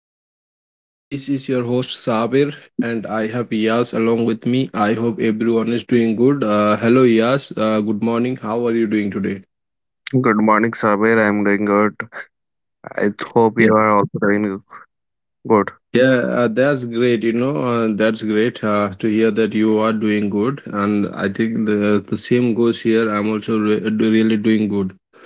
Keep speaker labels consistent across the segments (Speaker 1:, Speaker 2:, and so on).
Speaker 1: morning, viewers. This is your host Sabir, and I have Yas along with me. I hope everyone is doing good. Hello, Yas. Good morning. How are you doing today?
Speaker 2: Good morning, Sabir. I'm doing good. I hope you are also doing good.
Speaker 1: Yeah, that's great. That's great to hear that you are doing good. And I think the same goes here. I'm also really doing good.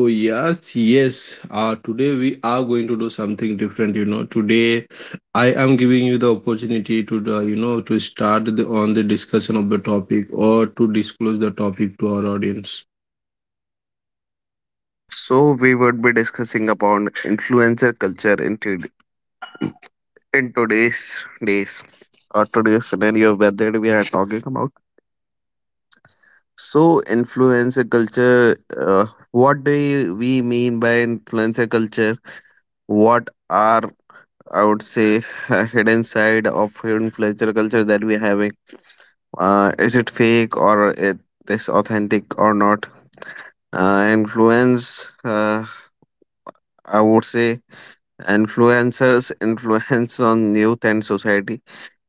Speaker 1: So, today we are going to do something different. Today I am giving you the opportunity to, to start on the discussion of the topic or to disclose the topic to our audience.
Speaker 2: So, we would be discussing about influencer culture in, in today's days or today's scenario where that we are talking about. So, influencer culture, what we mean by influencer culture? What are, I would say, hidden side of influencer culture that we are having? Is it fake or it is authentic or not? Influence I would say influencers influence on youth and society.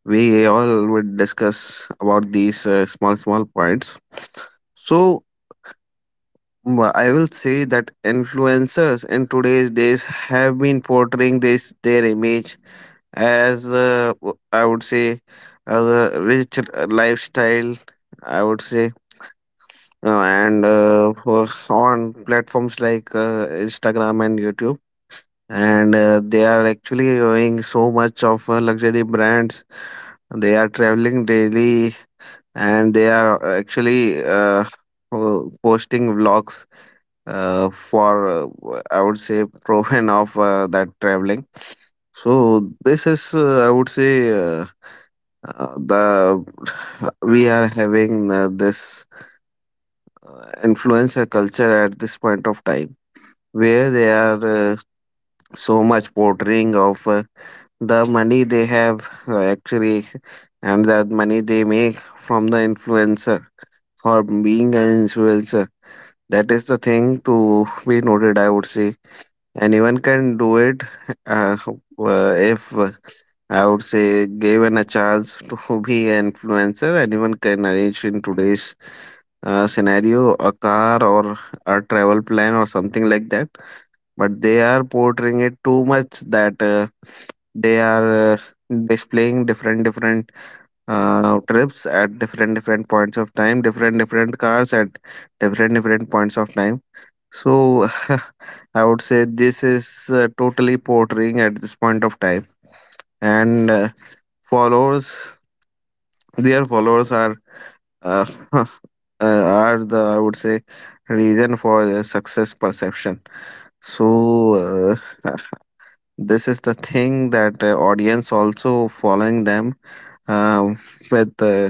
Speaker 2: We all would discuss about these small small points. So I will say that influencers in today's days have been portraying this their image as I would say as a rich lifestyle, I would say, on platforms like Instagram and YouTube, and they are actually owning so much of luxury brands. They are traveling daily, and they are actually posting vlogs uh, for, uh, I would say, proven of that traveling. So, this is, I would say, the we are having this influencer culture at this point of time where they are so much portraying of the money they have, actually, and the money they make from the influencer, for being an influencer. That is the thing to be noted, I would say. Anyone can do it. Uh, uh, if uh, i would say, given a chance to be an influencer, anyone can arrange in today's scenario a car or a travel plan or something like that, but they are portraying it too much that they are displaying different different trips at different different points of time, different different cars at different different points of time. So, I would say this is totally portraying at this point of time, and followers their followers are, uh, uh, are the, I would say, reason for their success perception. So uh, this is the thing, that audience also following them uh, with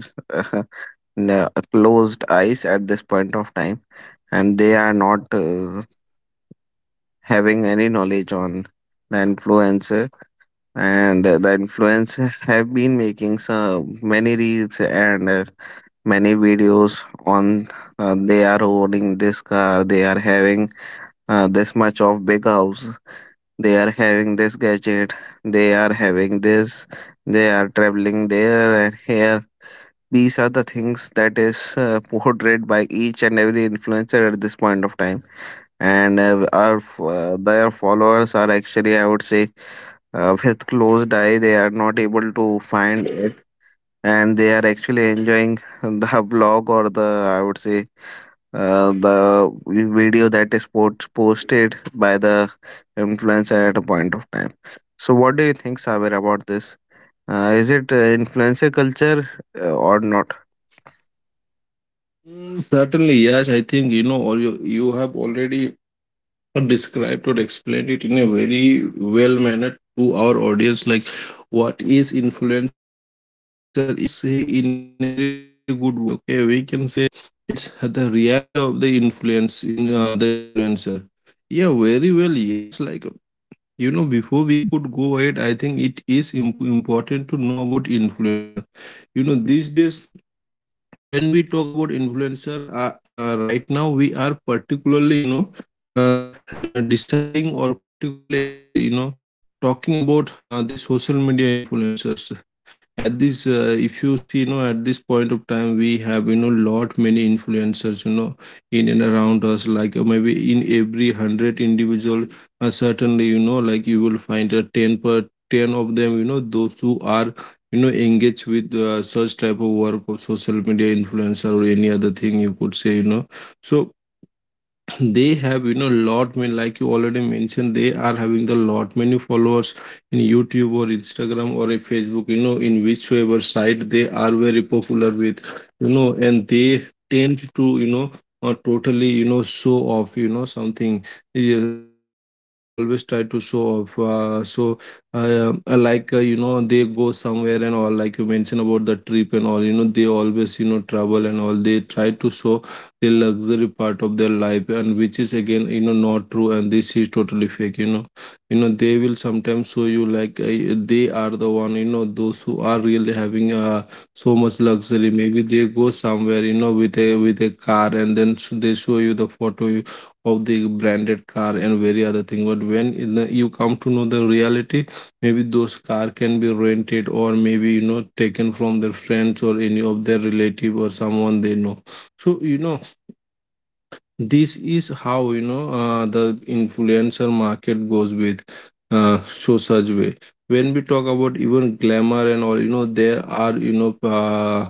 Speaker 2: n- closed eyes at this point of time, and they are not having any knowledge on the influencer, and the influencer have been making some many reels and many videos on they are owning this car, they are having this much of big house, they are having this gadget, they are having this, they are traveling there and here. These are the things that is portrayed by each and every influencer at this point of time, and their followers are actually, I would say, with closed eye, they are not able to find it, and they are actually enjoying the vlog, or the, I would say, the video that is posted by the influencer at a point of time. So, what do you think, Saber, about this? Is it influencer culture or not?
Speaker 1: Mm, certainly, yes, I think, all you have already or described or explained it in a very well manner to our audience, like what is influencer culture. If we say in a very good word, okay, we can say it's the reality of the influence in the influencer. Yeah, very well. Yes, like before we could go ahead, I think it is important to know about influencer these days. When we talk about influencer, right now we are particularly, uh, deciding or particularly talking about the social media influencers. At this, if you see, at this point of time we have, lot many influencers, in and around us, like maybe in every 100 individual, certainly, like you will find a 10 per 10 of them, those who are, engaged with such type of work of social media influencer or any other thing you could say, so they have, lot many, like you already mentioned, they are having the lot many followers in YouTube or Instagram or a Facebook, in whichever site they are very popular with. And they tend to, totally, show off, something. Yeah, they always try to show off. Like, they go somewhere and all, like you mentioned about the trip and all, they always, travel and all, they try to show the luxury part of their life, and which is again, not true, and this is totally fake. They will sometimes show you like they are the one, those who are really having so much luxury. Maybe they go somewhere, with a car, and then they show you the photo of the branded car and very other thing. But when in the, you come to know the reality, maybe those car can be rented, or maybe, taken from their friends or any of their relative or someone they know. So, this is how, the influencer market goes with show such way. When we talk about even glamour and all, there are, you know uh,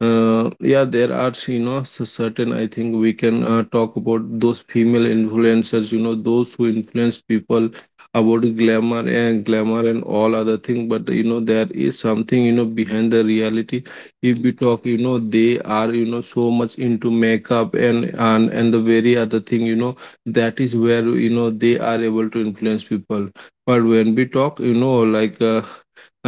Speaker 1: uh, yeah, there are, certain, I think we can talk about those female influencers, those who influence people about glamour and glamour and all other thing. But, there is something, behind the reality. If we talk, they are, so much into makeup and the very other thing, that is where, they are able to influence people. But when we talk,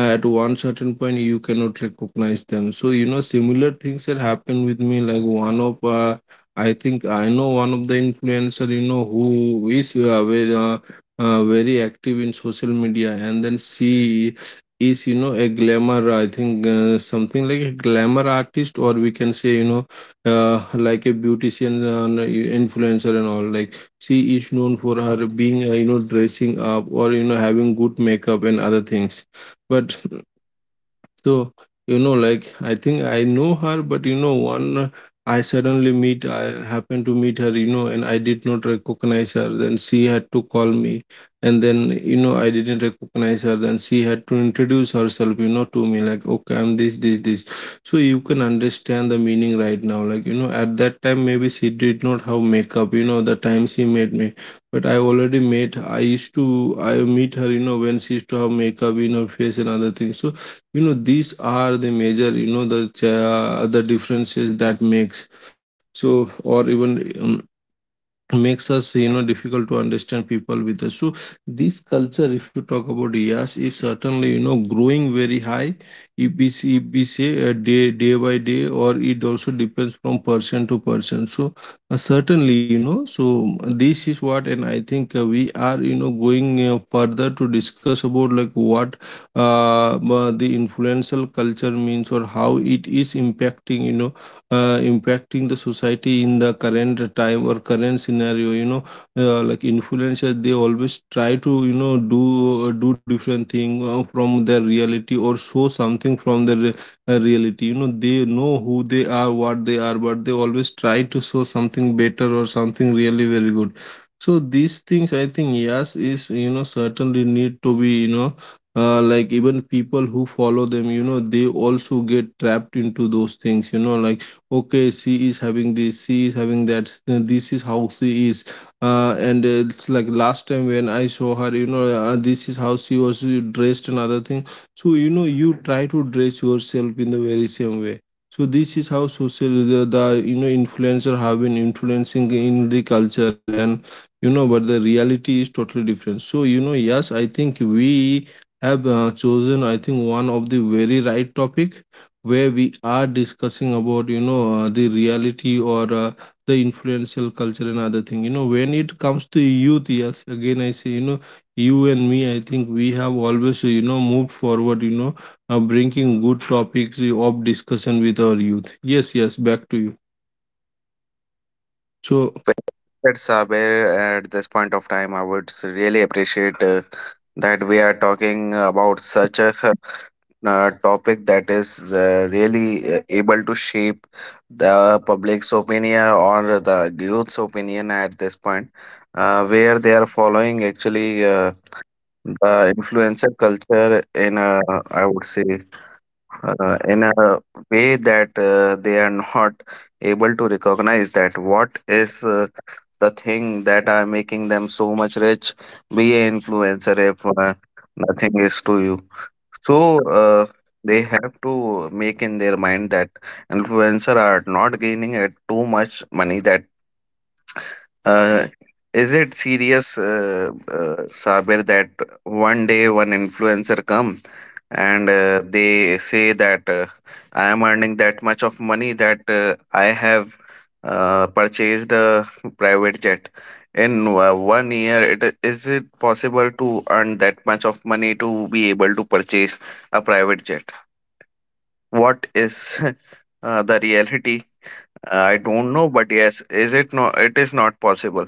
Speaker 1: at one certain point you cannot recognize them. So, similar things that happened with me, like one of I think I know one of the influencer, who is very active in social media, and then she is, a glamour, I think, something like a glamour artist, or we can say, like a beautician, no, influencer and all. Like, she is known for her being, dressing up, or, having good makeup and other things, but so, like I think I know her, but, one I suddenly meet, I happened to meet her, and I did not recognize her. Then she had to call me, and then, I didn't recognize her. Then she had to introduce herself, to me, like, okay, I'm this, this, this. So you can understand the meaning right now. Like, at that time, maybe she did not have makeup, the time she met me, but I already met. I used to I meet her, when she used to have makeup in her face and other things. So, these are the major, the differences that makes, so or even makes us, difficult to understand people with us. So this culture, if you talk about, yes, is certainly, growing very high, if we see, if we say, day by day, or it also depends from person to person. So, certainly, this is what. And I think, we are, going further to discuss about, like what the influential culture means, or how it is impacting, impacting the society in the current time or current scenario. Like, influencers, they always try to, do different thing from their reality, or show something from their reality. They know who they are, what they are, but they always try to show something better or something really very good. So, these things, I think, yes, is, certainly need to be, like even people who follow them, they also get trapped into those things, like, okay, she is having this, she is having that, this is how she is. And it's like last time when I saw her, this is how she was, dressed and other thing. So, you try to dress yourself in the very same way. So this is how social the influencer have been influencing in the culture. And, but the reality is totally different. So, yes, I think we have chosen, I think, one of the very right topic, where we are discussing about, the reality, or the influential culture and other thing. When it comes to youth, yes, again I say, you and me, I think we have always, moved forward, bringing good topics of discussion with our youth. Yes, yes, back to you. So,
Speaker 2: Well said, Saber, at this point of time. I would really appreciate that we are talking about such a topic that is really able to shape the public's opinion or the youth's opinion at this point, where they are following actually the influencer culture in a, I would say, in a way that they are not able to recognize that what is the thing that are making them so much rich. Be an influencer if nothing is to you. So they have to make in their mind that influencer are not gaining at too much money. That uh, is it serious, Sabir, that one day one influencer come and they say that I am earning that much of money that I have purchased a private jet. In 1 year, is it possible to earn that much of money to be able to purchase a private jet? What is the reality? I don't know, but yes is it no, it is not possible.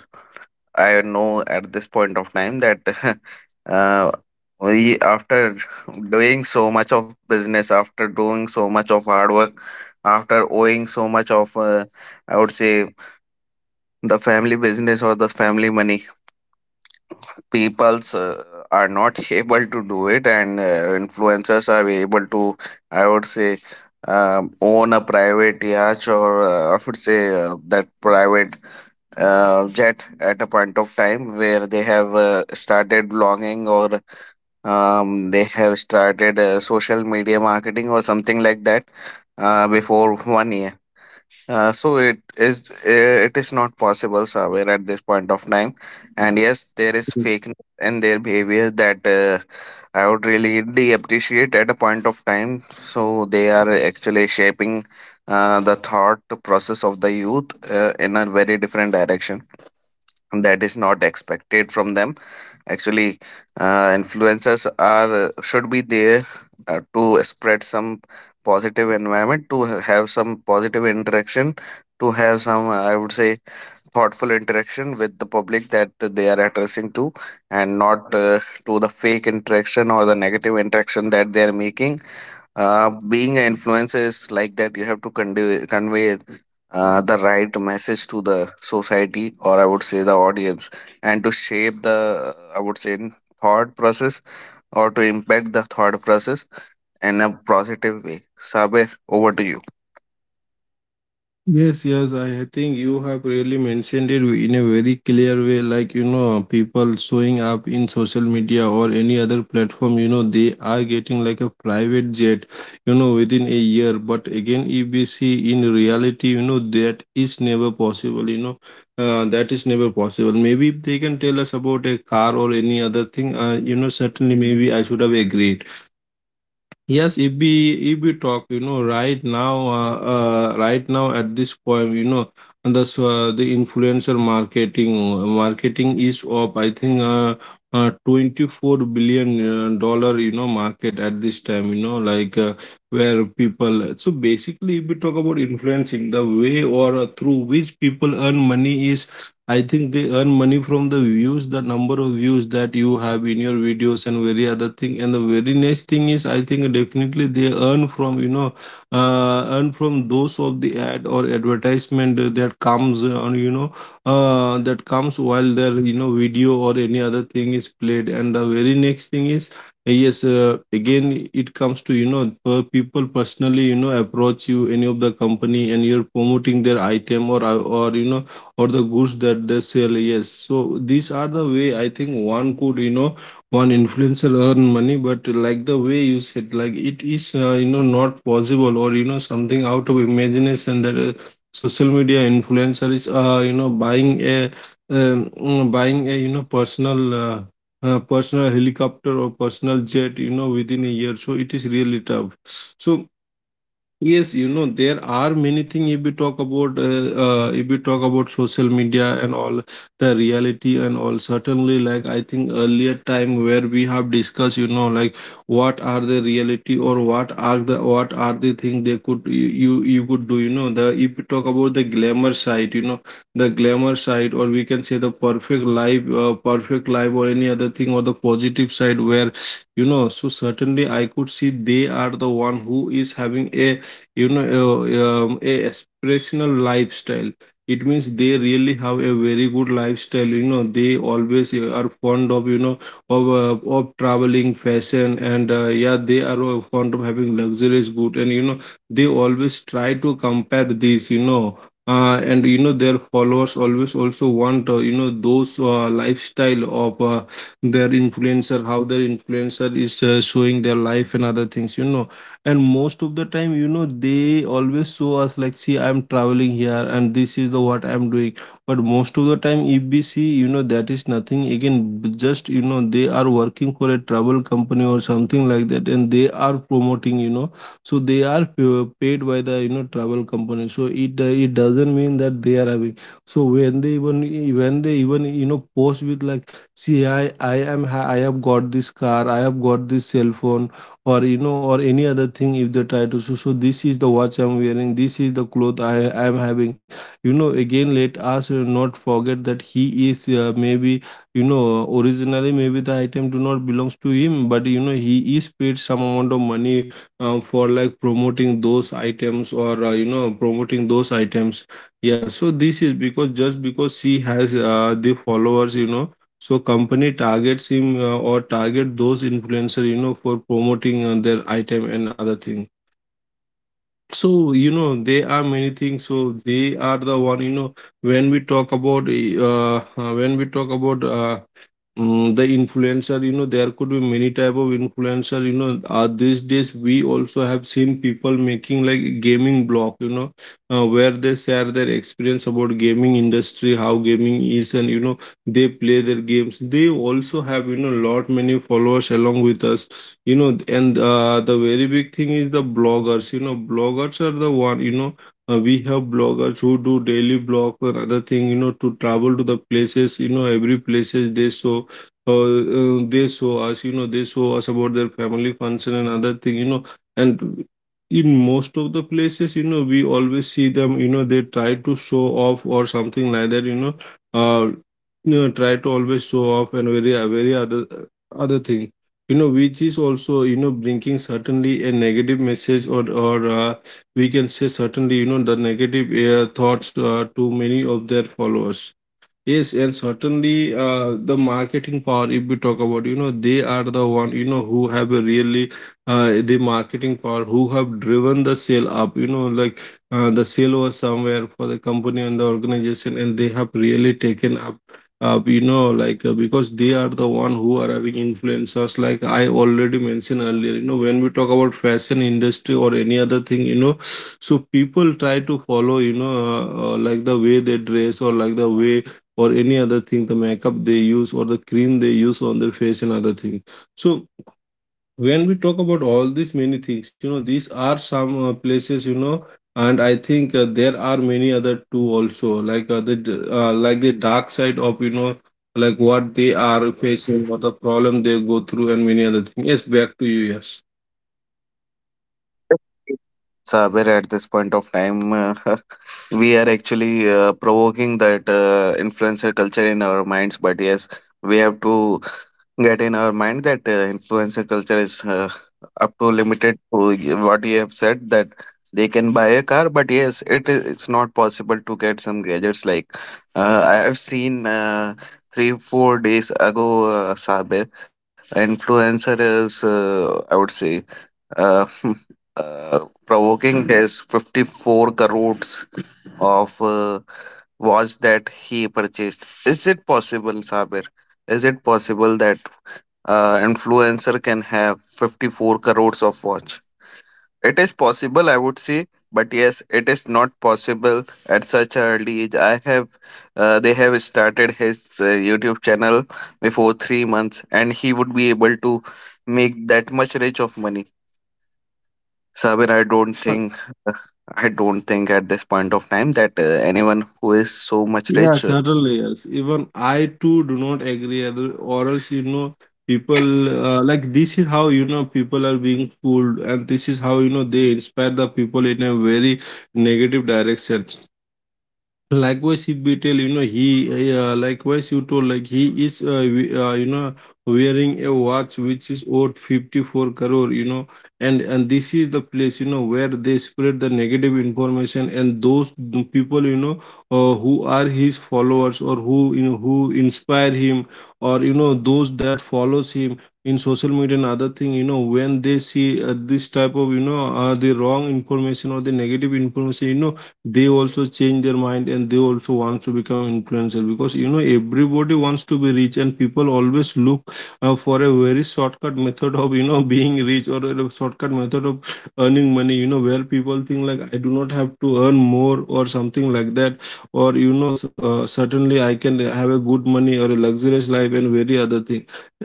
Speaker 2: I know at this point of time that uh, we, after doing so much of business, after doing so much of hard work, after owing so much of I would say the family business or the family money, peoples are not able to do it, and influencers are able to, I would say, own a private yacht or I would say that private jet at a point of time where they have started blogging or they have started social media marketing or something like that before 1 year. uh, so it is it is not possible, Saber, at this point of time. And yes, there is fake in their behavior, that I would really appreciate at a point of time. So they are actually shaping the thought process of the youth in a very different direction that is not expected from them. Actually, influencers are, should be there to spread some positive environment, to have some positive interaction, to have some, I would say, thoughtful interaction with the public that they are addressing to, and not to the fake interaction or the negative interaction that they are making. Being an influencer is like that. You have to convey the right message to the society, or I would say the audience, and to shape the, I would say, thought process, or to impact the thought process in a positive way. Saber, over to you.
Speaker 1: yes, yes, I think you have really mentioned it in a very clear way. Like, people showing up in social media or any other platform, they are getting like a private jet, within a year. But again, if we see in reality, that is never possible, that is never possible. Maybe if they can tell us about a car or any other thing, certainly maybe I should have agreed. Yes, if we talk, right now, right now at this point, and the so, the influencer marketing is up. I think 24 billion dollar, market at this time. Where people. So basically, if we talk about influencing, the way or through which people earn money is, I think they earn money from the views, the number of views that you have in your videos and very other thing. And the very next thing is, I think definitely they earn from, earn from those of the ad or advertisement that comes on, that comes while their, video or any other thing is played. And the very next thing is. Yes, again, it comes to per people personally, approach you any of the company and you're promoting their item or or the goods that they sell. Yes, so these are the way I think one could, one influencer earn money. But like the way you said, like it is not possible or something out of imagination that social media influencer is buying a buying a, personal personal helicopter or personal jet, within a year. So it is really tough. So yes, there are many things. If we talk about if we talk about social media and all, the reality and all, certainly like I think earlier time where we have discussed, like what are the reality or what are the thing they could you could do, the if we talk about the glamour side, the glamour side, or we can say the perfect life or any other thing, or the positive side where, so certainly I could see they are the one who is having a, a aspirational lifestyle. It means they really have a very good lifestyle. You know, they always are fond of, of traveling, fashion, and yeah, they are fond of having luxurious good, and they always try to compare these, you know, their followers always also want, those lifestyle of their influencer, how their influencer is showing their life and other things, and most of the time, they always show us like, see, I'm traveling here and this is the what I'm doing. But most of the time if we see, that is nothing again. Just, they are working for a travel company or something like that and they are promoting, so they are paid by the, travel company. So it it doesn't mean that they are having. So when they even, when they even, post with like, see, I am I have got this car, I have got this cell phone, or or any other thing. If they try to, so this is the watch I'm wearing, this is the cloth I am having, again let us not forget that he is maybe, you know originally maybe the item do not belongs to him, but he is paid some amount of money for like promoting those items, or promoting those items. Yeah, so this is because, just because she has the followers, so company targets him or target those influencer, for promoting their item and other thing. So, there are many things. So they are the one, when we talk about when we talk about Mm, the influencer, there could be many type of influencer, these days we also have seen people making like gaming blog, where they share their experience about gaming industry, how gaming is, and, they play their games. They also have, lot many followers along with us, and the very big thing is the bloggers, bloggers are the one, we have bloggers who do daily blogs or other thing, to travel to the places, every places they show us, they show us about their family function and other thing, and in most of the places, we always see them, they try to show off or something like that, you know, try to always show off and very, very other, other thing, which is also, bringing certainly a negative message, or we can say certainly, the negative thoughts to many of their followers. Yes, and certainly the marketing power, if we talk about, they are the one, who have a really the marketing power, who have driven the sale up, like the sale was somewhere for the company and the organization, and they have really taken up, up, like because they are the one who are having influencers. Like I already mentioned earlier, when we talk about fashion industry or any other thing, so people try to follow, you know, like the way they dress or like the way or any other thing, the makeup they use or the cream they use on their face and other things. So when we talk about all these many things, these are some places, and I think there are many other too also, like like the dark side of, like what they are facing, what the problem they go through, and many other things. Yes, back to you. Yes.
Speaker 2: Saber, at this point of time, we are actually provoking that influencer culture in our minds. But yes, we have to get in our mind that influencer culture is up to limited to what you have said, that they can buy a car, but yes, it is, it's not possible to get some gadgets. Like, I have seen, 3 4 days ago, Sabe, influencer is, I would say, uh, uh, provoking his 54 crores of watch that he purchased. Is it possible, Saber? Is it possible that influencer can have 54 crores of watch? It is possible, I would say, but yes, it is not possible at such an early age. I have uh, they have started his YouTube channel before 3 months, and he would be able to make that much rich of money? Sabir, I don't think at this point of time that anyone who is so much
Speaker 1: Yeah,
Speaker 2: rich.
Speaker 1: certainly, yes. Even I too do not agree, or else, people like this is how, people are being fooled, and this is how, they inspire the people in a very negative direction. Likewise, if we tell, he, likewise, you told, like, he is, wearing a watch which is worth 54 crore, and this is the place, where they spread the negative information and those the people, who are his followers or who, who inspire him, or, those that follows him in social media and other thing, when they see this type of, the wrong information or the negative information, they also change their mind and they also want to become influencer, because, everybody wants to be rich and people always look for a very shortcut method of, being rich, or a shortcut method of earning money, where people think like I do not have to earn more or something like that, or, you know, certainly I can have a good money or a luxurious life and very other thing.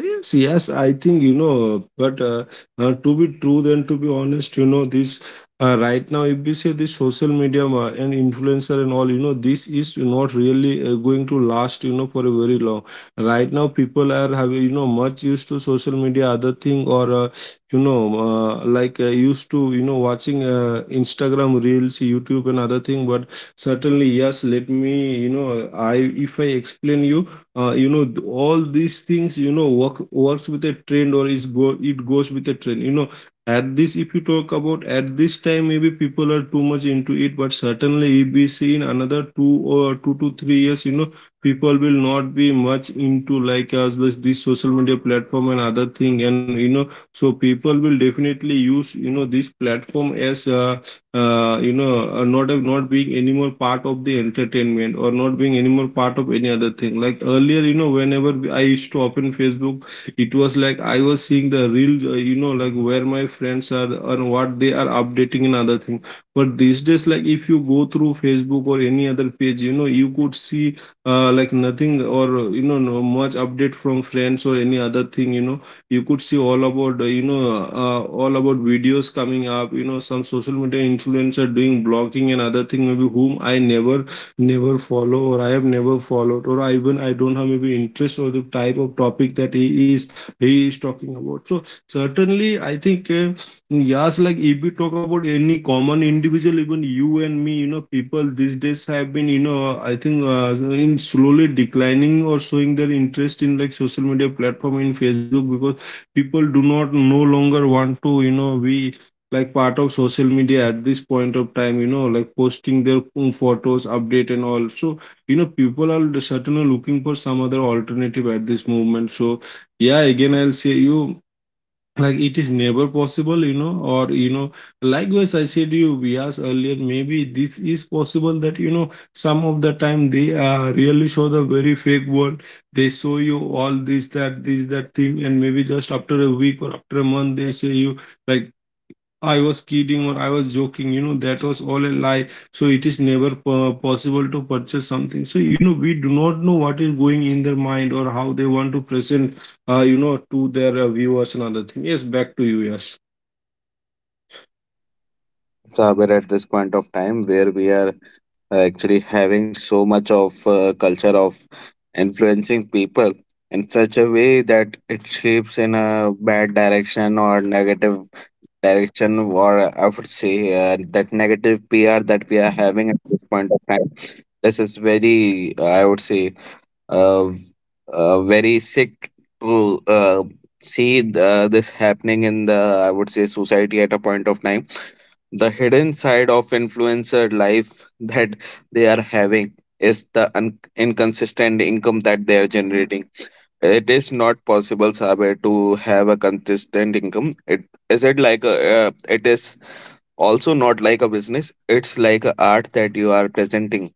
Speaker 1: Yes, yes, I think, but to be true then, to be honest, this right now if you say this social media and influencer and all, this is not really going to last, for a very long. Right now people are having, much used to social media, other thing, or like used to, watching Instagram reels, YouTube, and other thing. But certainly yes, let me, I, if I explain you, all these things, works with a trend, or is go it goes with a trend, at this, if you talk about at this time, maybe people are too much into it. But certainly, if we see in another two or two to three years, people will not be much into like us this, this social media platform and other thing, and, so people will definitely use, this platform as not a, not being anymore part of the entertainment, or not being anymore part of any other thing. Like earlier, whenever I used to open Facebook, it was like I was seeing the real like where my friends are and what they are updating and other thing. But these days, like if you go through Facebook or any other page, you could see like nothing, or no much update from friends or any other thing, you could see all about all about videos coming up, some social media influencer doing blogging and other thing, maybe whom I never, never follow, or I have never followed, or I even I don't have maybe interest or the type of topic that he is, he is talking about. So certainly, I think yes, like if we talk about any common individual, even you and me, you know, people these days have been, you know, I think in slowly declining or showing their interest in like social media platform in Facebook because people do not no longer want to, you know, be like part of social media at this point of time, you know, like posting their own photos update and all. So you know people are certainly looking for some other alternative at this moment. So yeah, again, I'll say you, like it is never possible, you know, or you know, likewise, I said you we asked earlier, maybe this is possible that you know, some of the time they really show the very fake world, they show you all this, that thing, and maybe just after a week or after a month, they say you, like I was kidding or I was joking, you know, that was all a lie. So it is never possible to purchase something. So, you know, we do not know what is going in their mind or how they want to present, you know, to their viewers and other thing. Yes, back to you, yes.
Speaker 2: Saber, at this point of time, where we are actually having so much of culture of influencing people in such a way that it shapes in a bad direction or negative direction, or I would say that negative PR that we are having at this point of time. This is very, I would say, uh, very sick to see this happening in the, I would say, society at a point of time. The hidden side of influencer life that they are having is the inconsistent income that they are generating. It is not possible, Sabe, to have a consistent income. It like a, it is also not like a business. It's like a art that you are presenting,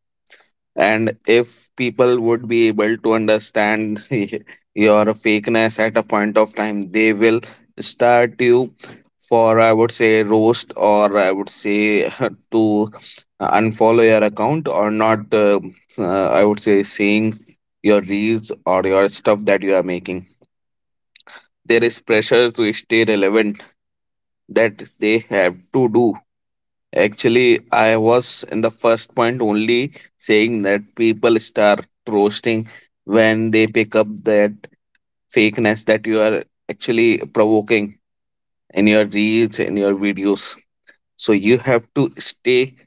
Speaker 2: and if people would be able to understand your fakeness at a point of time, they will start you for, I would say, roast, or I would say, to unfollow your account, or not I would say seeing your reels or your stuff that you are making. There is pressure to stay relevant that they have to do. Actually, I was in the first point only saying that people start roasting when they pick up that fakeness that you are actually provoking in your reels, in your videos. So you have to stay,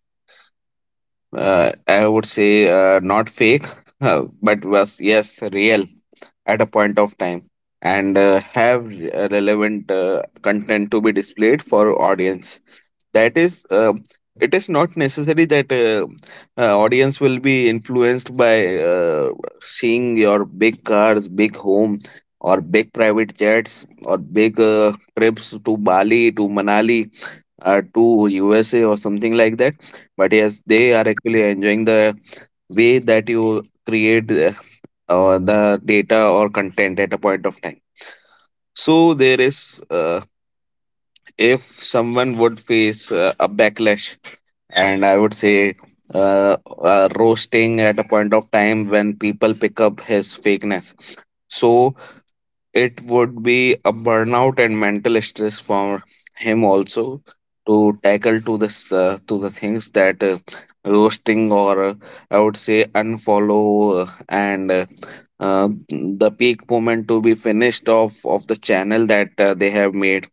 Speaker 2: I would say, not fake, but was yes, real, at a point of time, and have relevant content to be displayed for audience. That is it is not necessary that audience will be influenced by seeing your big cars, big home, or big private jets, or big trips to Bali, to Manali, to USA or something like that. But yes, they are actually enjoying the way that you create or the data or content at a point of time. So there is, if someone would face a backlash, and I would say roasting at a point of time when people pick up his fakeness. So it would be a burnout and mental stress for him also to tackle to this to the things that roasting or I would say unfollow and uh, the peak moment to be finished off of the channel that they have made.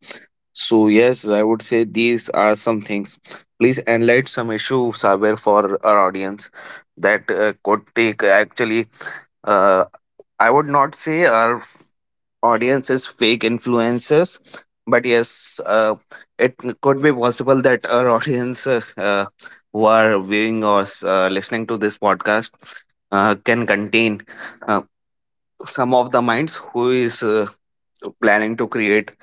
Speaker 2: So yes, I would say these are some things. Please enlight some issue, Saber, for our audience that could take actually uh, I would not say our audience is fake influencers, but yes, it could be possible that our audience, who are viewing or listening to this podcast can contain uh, some of the minds who is planning to create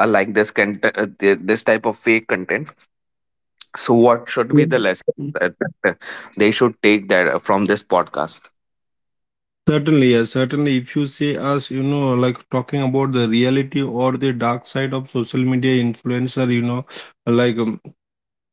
Speaker 2: like this content, this type of fake content. So, what
Speaker 1: Yeah.
Speaker 2: should be the lesson
Speaker 1: Mm.
Speaker 2: that uh, they should take that from this podcast?
Speaker 1: Certainly, yes. Certainly, if you see us, you know, like talking about the reality or the dark side of social media influencer, you know, like um,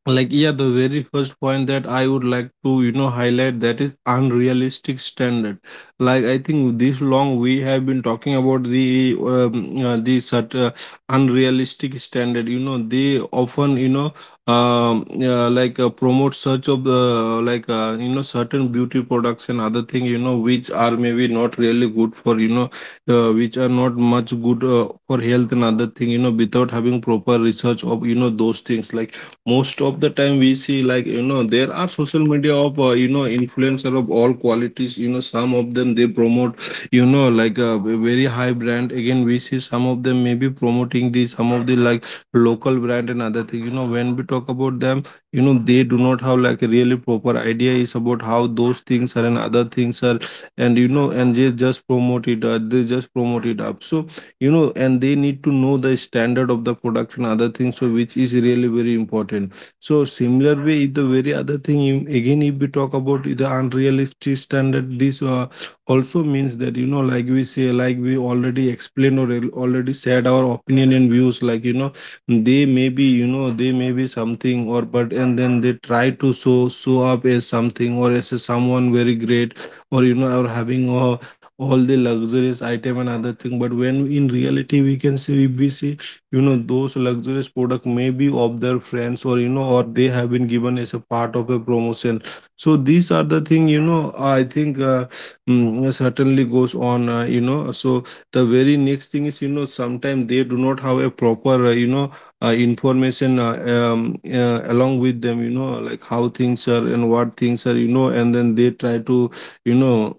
Speaker 1: like yeah, the very first point that I would like to, you know, highlight that is unrealistic standard. Like I think this long we have been talking about the such unrealistic standard, you know, they often, you know, like promote such of like you know, certain beauty products and other thing, you know, which are maybe not really good for, you know, which are not much good for health and other thing, you know, without having proper research of, you know, those things. Like most of the time we see, like, you know, there are social media of you know, influencer of all qualities, you know, some of them they promote, you know, like a very high brand. Again we see some of them maybe promoting the some of the like local brand and other thing, you know, when we talk about them, you know, they do not have like a really proper idea is about how those things are and other things are, and you know, and they just promote it, they just promote it up. So you know, and they need to know the standard of the product and other things, so which is really very important. So similar way, if the very other thing you- again if we talk about the unrealistic standard, this also means that you know, like we say, like we already explained or already said our opinion and views, like you know, they may be, you know, they may be something or but, and then they try to show up as something or as a someone very great or you know, or having a all the luxurious item and other thing, but when in reality we see, you know, those luxurious product may be of their friends or you know, or they have been given as a part of a promotion. So these are the thing, you know, I think certainly goes on, you know. So the very next thing is, you know, sometimes they do not have a proper you know, information, along with them, you know, like how things are and what things are, you know, and then they try to, you know,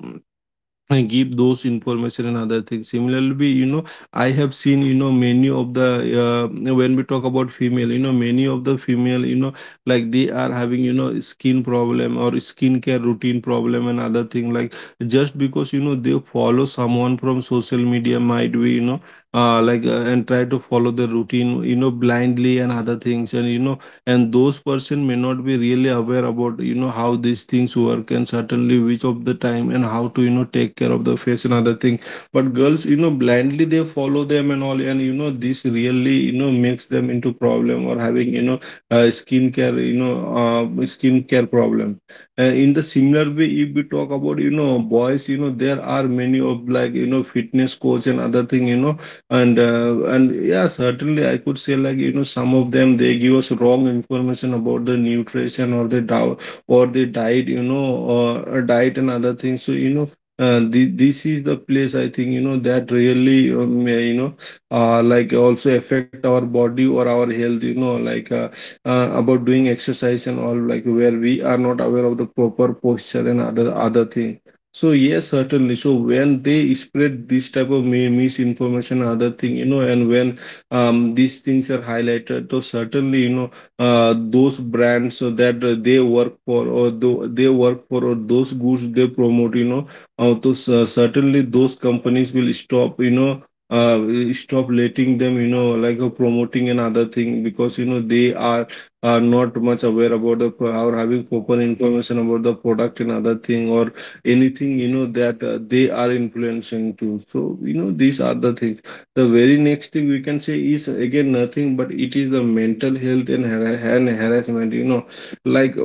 Speaker 1: and give those information and other things. Similarly, you know, I have seen, you know, many of the when we talk about female, you know, many of the female, you know, like they are having, you know, skin problem or skincare routine problem and other thing, like just because you know, they follow someone from social media, might be, you know, like and try to follow the routine, you know, blindly and other things, and you know, and those person may not be really aware about, you know, how these things work and certainly which of the time and how to, you know, take care of the face and other thing. But girls, you know, blindly they follow them and all, and you know, this really, you know, makes them into problem or having, you know, skincare, you know, uh, skincare problem. In the similar way, if we talk about, you know, boys, you know, there are many of like, you know, fitness coach and other thing, you know, and yeah, certainly I could say, like, you know, some of them they give us wrong information about the nutrition or the diet you know, or diet and other things. So you know, this is the place I think, you know, that really may, you know, like also affect our body or our health, you know, like about doing exercise and all, like where we are not aware of the proper posture and other thing. So yes, certainly. So when they spread this type of misinformation, other thing, you know, and when these things are highlighted, so certainly, you know, those brands so that they work for or those goods they promote, you know, certainly those companies will stop, you know, will stop letting them, you know, like promoting another thing, because you know they are not much aware about the or having proper information about the product and other thing or anything, you know, that they are influencing too. So you know, these are the things. The very next thing we can say is again nothing but it is the mental health and harassment, you know, like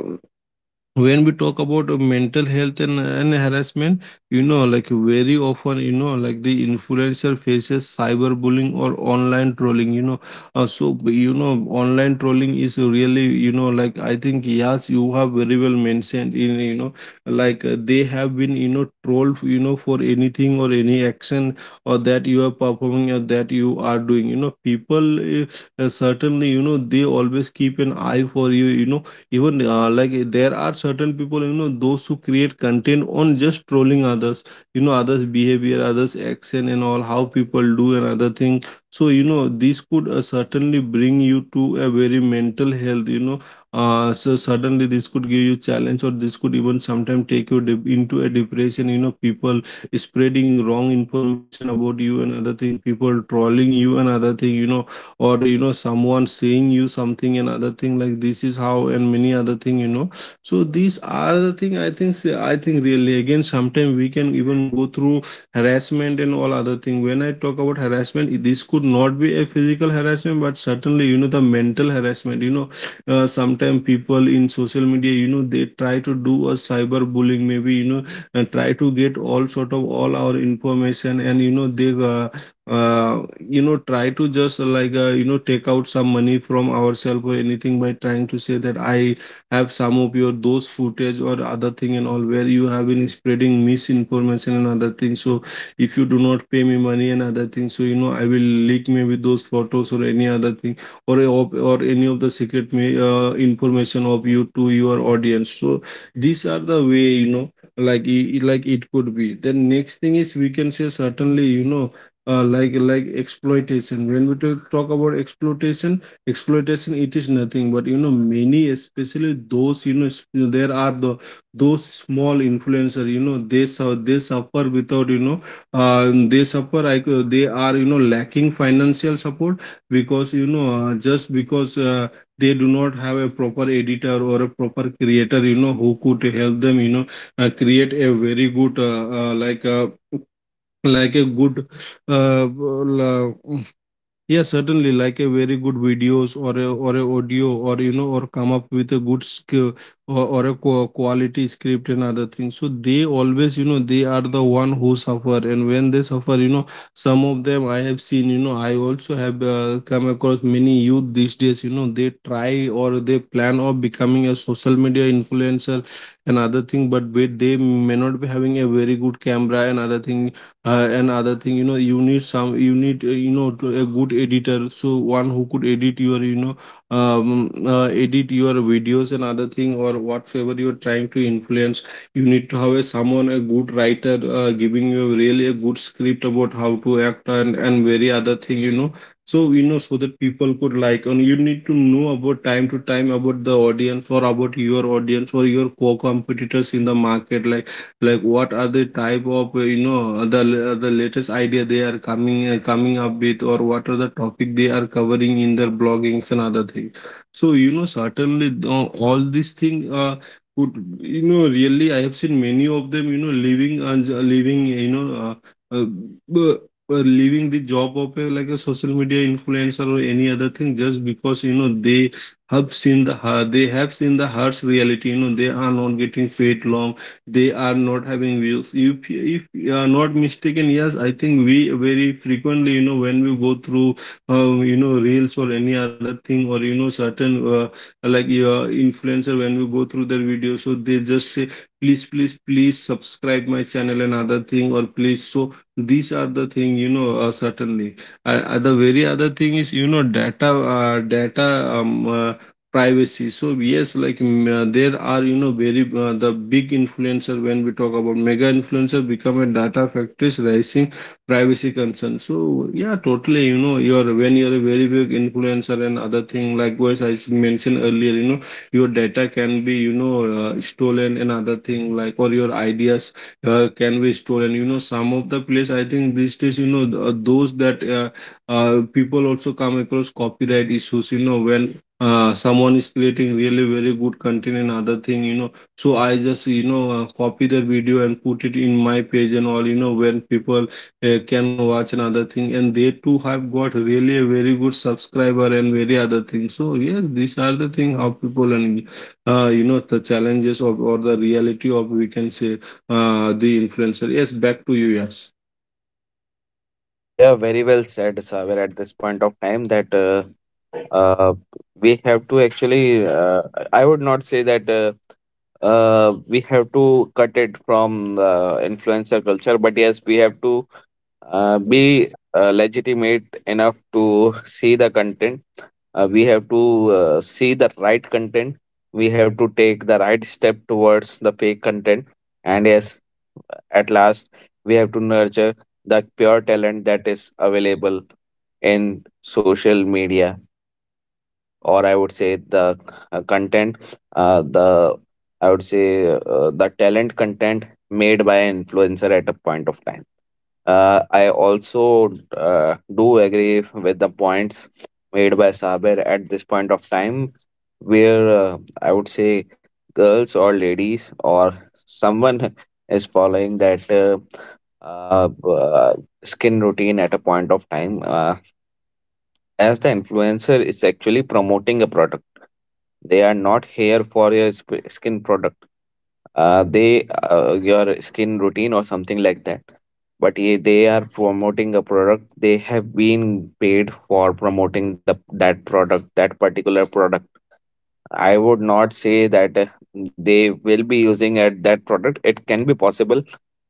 Speaker 1: when we talk about mental health and harassment, you know, like very often, you know, like the influencer faces cyberbullying or online trolling, you know. So you know, online trolling is really, you know, like I think yes, you have very well mentioned in, you know, like they have been, you know, trolled, you know, for anything or any action or that you are performing or that you are doing, you know, people, certainly, you know, they always keep an eye for you, you know, even there are certain people, you know, those who create content on just trolling others, you know, others behavior, others action and all, how people do and other thing. So you know, this could certainly bring you to a very mental health, you know, so suddenly this could give you challenge or this could even sometimes take you into a depression, you know, people spreading wrong information about you and other thing, people trolling you and other thing, you know, or you know, someone saying you something and other thing, like this is how and many other thing, you know. So these are the thing I think, I think really again sometimes we can even go through harassment and all other thing. When I talk about harassment, this could not be a physical harassment but certainly, you know, the mental harassment, you know, sometimes people in social media, you know, they try to do a cyber bullying, maybe, you know, and try to get all sort of all our information, and you know, they you know, try to just you know, take out some money from ourselves or anything by trying to say that I have some of your those footage or other thing and all, where you have been spreading misinformation and other things. So if you do not pay me money and other things, so you know, I will leak me with those photos or any other thing, or or any of the secret me information of you to your audience. So these are the way, you know, like like it could be. Then next thing is we can say, certainly, you know, like exploitation. When we talk about exploitation, exploitation it is nothing but, you know, many, especially those, you know, there are the those small influencer, you know, they they suffer without, you know, they suffer, like they are, you know, lacking financial support. Because you know, just because they do not have a proper editor or a proper creator, you know, who could help them, you know, create a very good like a good uh, la- yeah, certainly, like a very good videos or a audio, or you know, or come up with a good skill or a quality script and other things. So they always, you know, they are the one who suffer, and when they suffer, you know, some of them I have seen, you know, I also have come across many youth these days, you know, they try or they plan of becoming a social media influencer and other thing. But wait, they may not be having a very good camera and other thing. Another thing, you know, you need some, you need you know, a good editor, so one who could edit your, you know, edit your videos and other thing or whatever you're trying to influence. You need to have a someone a good writer giving you really a good script about how to act and Very other thing. You know, so that people could like. And you need to know about time to time about the audience, or about your audience or your co-competitors in the market, like what are the type of you know, the latest idea they are coming coming up with, or what are the topic they are covering in their bloggings and other things. So you know, certainly all these things could, you know, really. I have seen many of them, you know, leaving and leaving, you know, uh, b- leaving the job of a, like a social media influencer or any other thing, just because you know they have seen the they have seen the harsh reality. You know, they are not getting paid long, they are not having views. If you are not mistaken, yes, I think we very frequently, you know, when we go through you know, reels or any other thing, or you know, certain like influencer, when we go through their videos, so they just say please, please, please subscribe my channel and other thing, or please. So these are the thing, you know, certainly the very other thing is, you know, data, data, privacy. So yes, like, there are, you know, very the big influencer, when we talk about mega influencer, become a data factories raising privacy concern. So yeah, totally, you know, you're, when you're a very big influencer and other thing, likewise I mentioned earlier, you know, your data can be, you know, stolen and other thing, like, or your ideas can be stolen. You know, some of the place, I think these days, you know, those that people also come across copyright issues. You know, when someone is creating really very good content and other thing, you know, so I just, you know, copy their video and put it in my page and all. You know, when people can watch another thing, and they too have got really a very good subscriber and very other thing. So yes, these are the thing how people, and you know, the challenges of, or the reality of, we can say, the influencer. Yes, back to you. Yes,
Speaker 2: Yeah, very well said, Saber, at this point of time that uh, we have to actually. I would not say that we have to cut it from the influencer culture, but yes, we have to be legitimate enough to see the content. We have to see the right content. We have to take the right step towards the fake content. And yes, at last, we have to nurture the pure talent that is available in social media, or I would say the content, the I would say the talent content made by an influencer at a point of time. I also do agree with the points made by Saber at this point of time, where I would say girls or ladies or someone is following that uh, b- uh, skin routine at a point of time. As the influencer is actually promoting a product, they are not here for your skin product they your skin routine or something like that, but they are promoting a product. They have been paid for promoting the that product, that particular product. I would not say that they will be using at that product. It can be possible.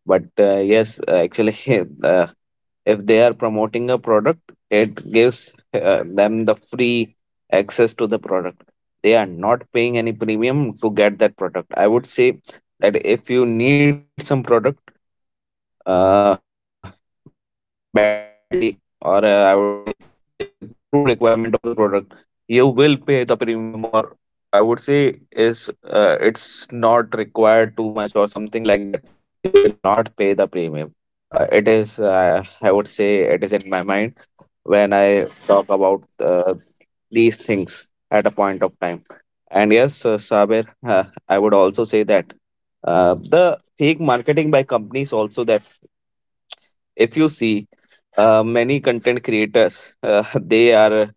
Speaker 2: But yes, actually uh, if they are promoting a product, it gives them the free access to the product. They are not paying any premium to get that product. I would say that if you need some product uh, badly, or I would say there is a true requirement of the product, you will pay the premium. Or I would say is it's not required too much or something like that, you will not pay the premium. It is, I would say, it is in my mind when I talk about these things at a point of time. And yes, Sabir, I would also say that the fake marketing by companies also, that if you see many content creators, they are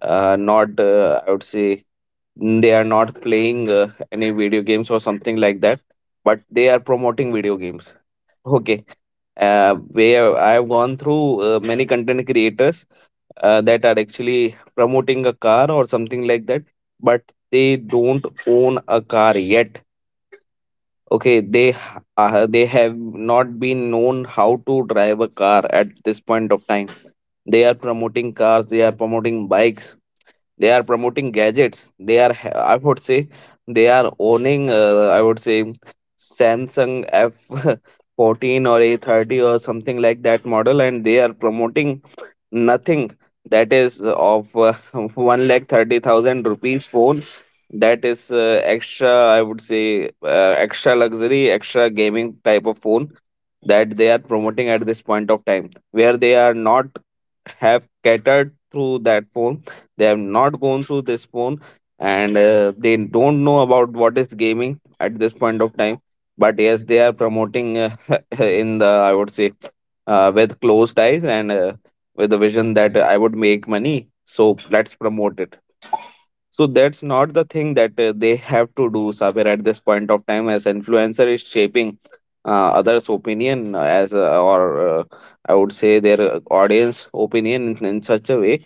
Speaker 2: not, I would say, they are not playing any video games or something like that, but they are promoting video games. Okay. Where I've gone through many content creators that are actually promoting a car or something like that, but they don't own a car yet. Okay, they have not been known how to drive a car at this point of time. They are promoting cars, they are promoting bikes, they are promoting gadgets. I would say they are owning, I would say, Samsung F 14 or A30 or something like that model, and they are promoting nothing that is of 1,30,000 rupees phone, that is extra, I would say, extra luxury, extra gaming type of phone that they are promoting at this point of time, where they are not have catered through that phone, they have not gone through this phone, and they don't know about what is gaming at this point of time. But yes, they are promoting in the I would say, with closed eyes and with the vision that I would make money. So let's promote it. So that's not the thing that they have to do, Sabir, at this point of time, as influencer is shaping others' opinion, as or uh, I would say their audience opinion in such a way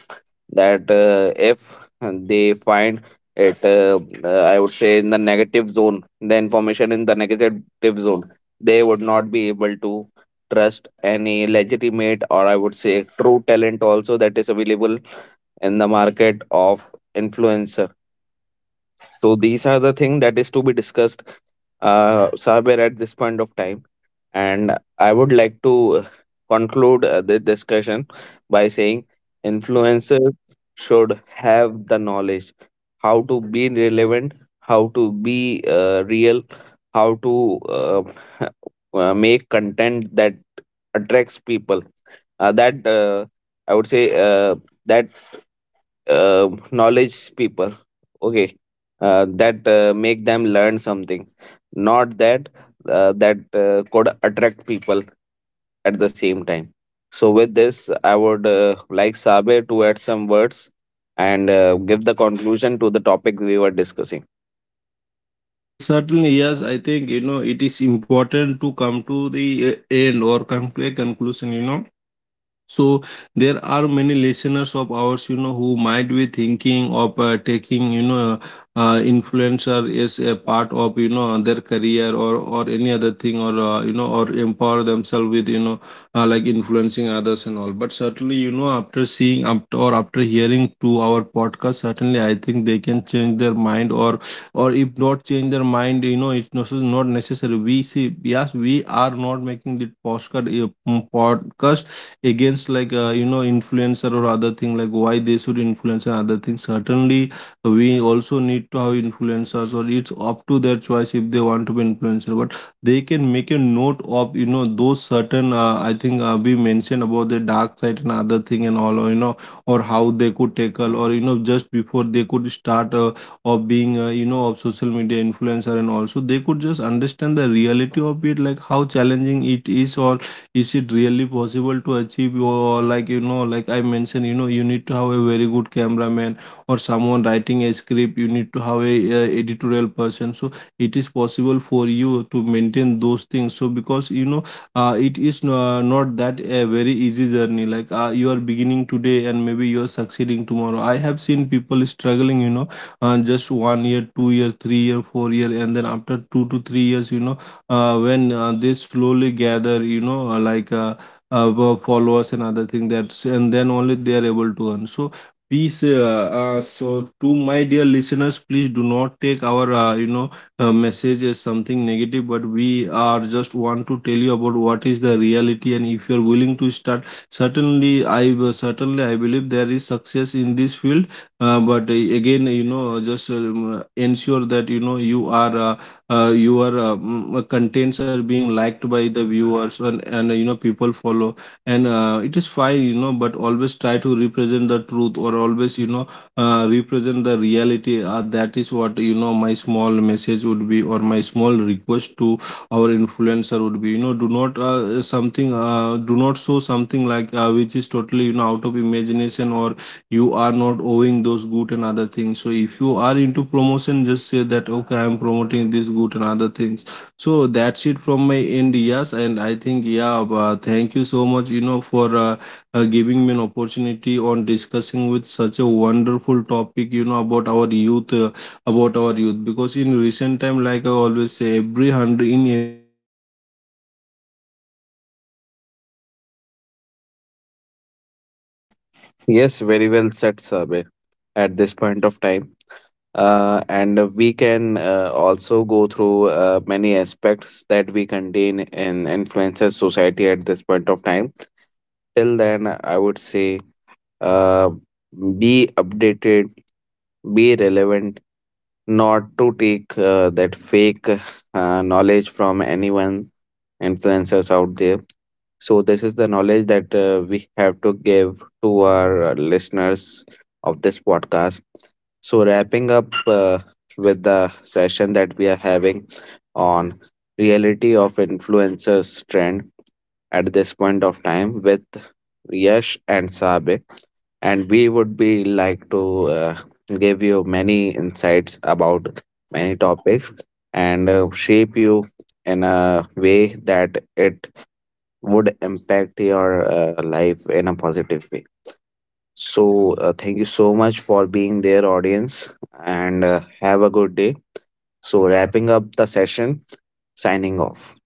Speaker 2: that if they find it, I would say, in the negative zone, the information in the negative zone, they would not be able to trust any legitimate or I would say true talent also that is available in the market of influencer. So these are the thing that is to be discussed, somewhere at this point of time. And I would like to uh, conclude this discussion by saying influencers should have the knowledge how to be relevant, how to be real, how to make content that attracts people. That I would say that knowledge people, okay, that make them learn something, not that could attract people at the same time. So with this, I would like Sabe to add some words and give the conclusion to the topic we were discussing.
Speaker 1: certainly, yes. I think you know it is important to come to the end, or come to a conclusion, you know. So there are many listeners of ours, you know, who might be thinking of taking, you know, influencer as a part of, you know, their career, or any other thing, or you know, or empower themselves with, you know, like influencing others and all. But certainly, you know, after seeing, after, or after hearing to our podcast, certainly I think they can change their mind, or if not change their mind, you know, it's not not necessary. We see, yes, we are not making the podcast a podcast against, like, you know, influencer or other thing, like why they should influence and other things. Certainly we also need to have influencers, or it's up to their choice if they want to be influencer. But they can make a note of, you know, those certain I think we mentioned about the dark side and other thing and all, or, you know, or how they could tackle, or you know, just before they could start of being you know, of social media influencer. And also they could just understand the reality of it, like how challenging it is, or is it really possible to achieve, or like you know, like I mentioned, you know, you need to have a very good cameraman, or someone writing a script, you need to have a, editorial person. So it is possible for you to maintain those things. So because you know, it is not that a very easy journey. Like you are beginning today and maybe you are succeeding tomorrow. I have seen people struggling, you know, just one year, two year, three year, four year, and then after 2 to 3 years, you know, when they slowly gather, you know, like followers and other thing, that's, and then only they are able to earn. So please, so to my dear listeners, please do not take our, you know, message as something negative, but we are just want to tell you about what is the reality. And if you're willing to start, certainly I believe there is success in this field. But again, you know, just ensure that you know you are. Your contents are being liked by the viewers, and you know people follow. And it is fine, you know, but always try to represent the truth, or always you know represent the reality. That is what, you know, my small message would be, or my small request to our influencer would be, you know, do not something do not show something like, which is totally, you know, out of imagination, or you are not owing those good and other things. So if you are into promotion, just say that, okay, I am promoting this good and other things. So that's it from my end. Yes, and I think, yeah, thank you so much, you know, for giving me an opportunity on discussing with such a wonderful topic, you know, about our
Speaker 2: Yes, very well said, Sabe, at this point of time. And we can also go through many aspects that we contain in influencer society at this point of time. Till then, I would say, uh, be updated, be relevant, not to take that fake knowledge from anyone, influencers out there. So this is the knowledge that we have to give to our listeners of this podcast. So, wrapping up with the session that we are having on reality of influencers trend at this point of time with Yash and Sabe, and we would be like to give you many insights about many topics and shape you in a way that it would impact your life in a positive way. So, thank you so much for being there, audience, and have a good day. So, wrapping up the session, signing off.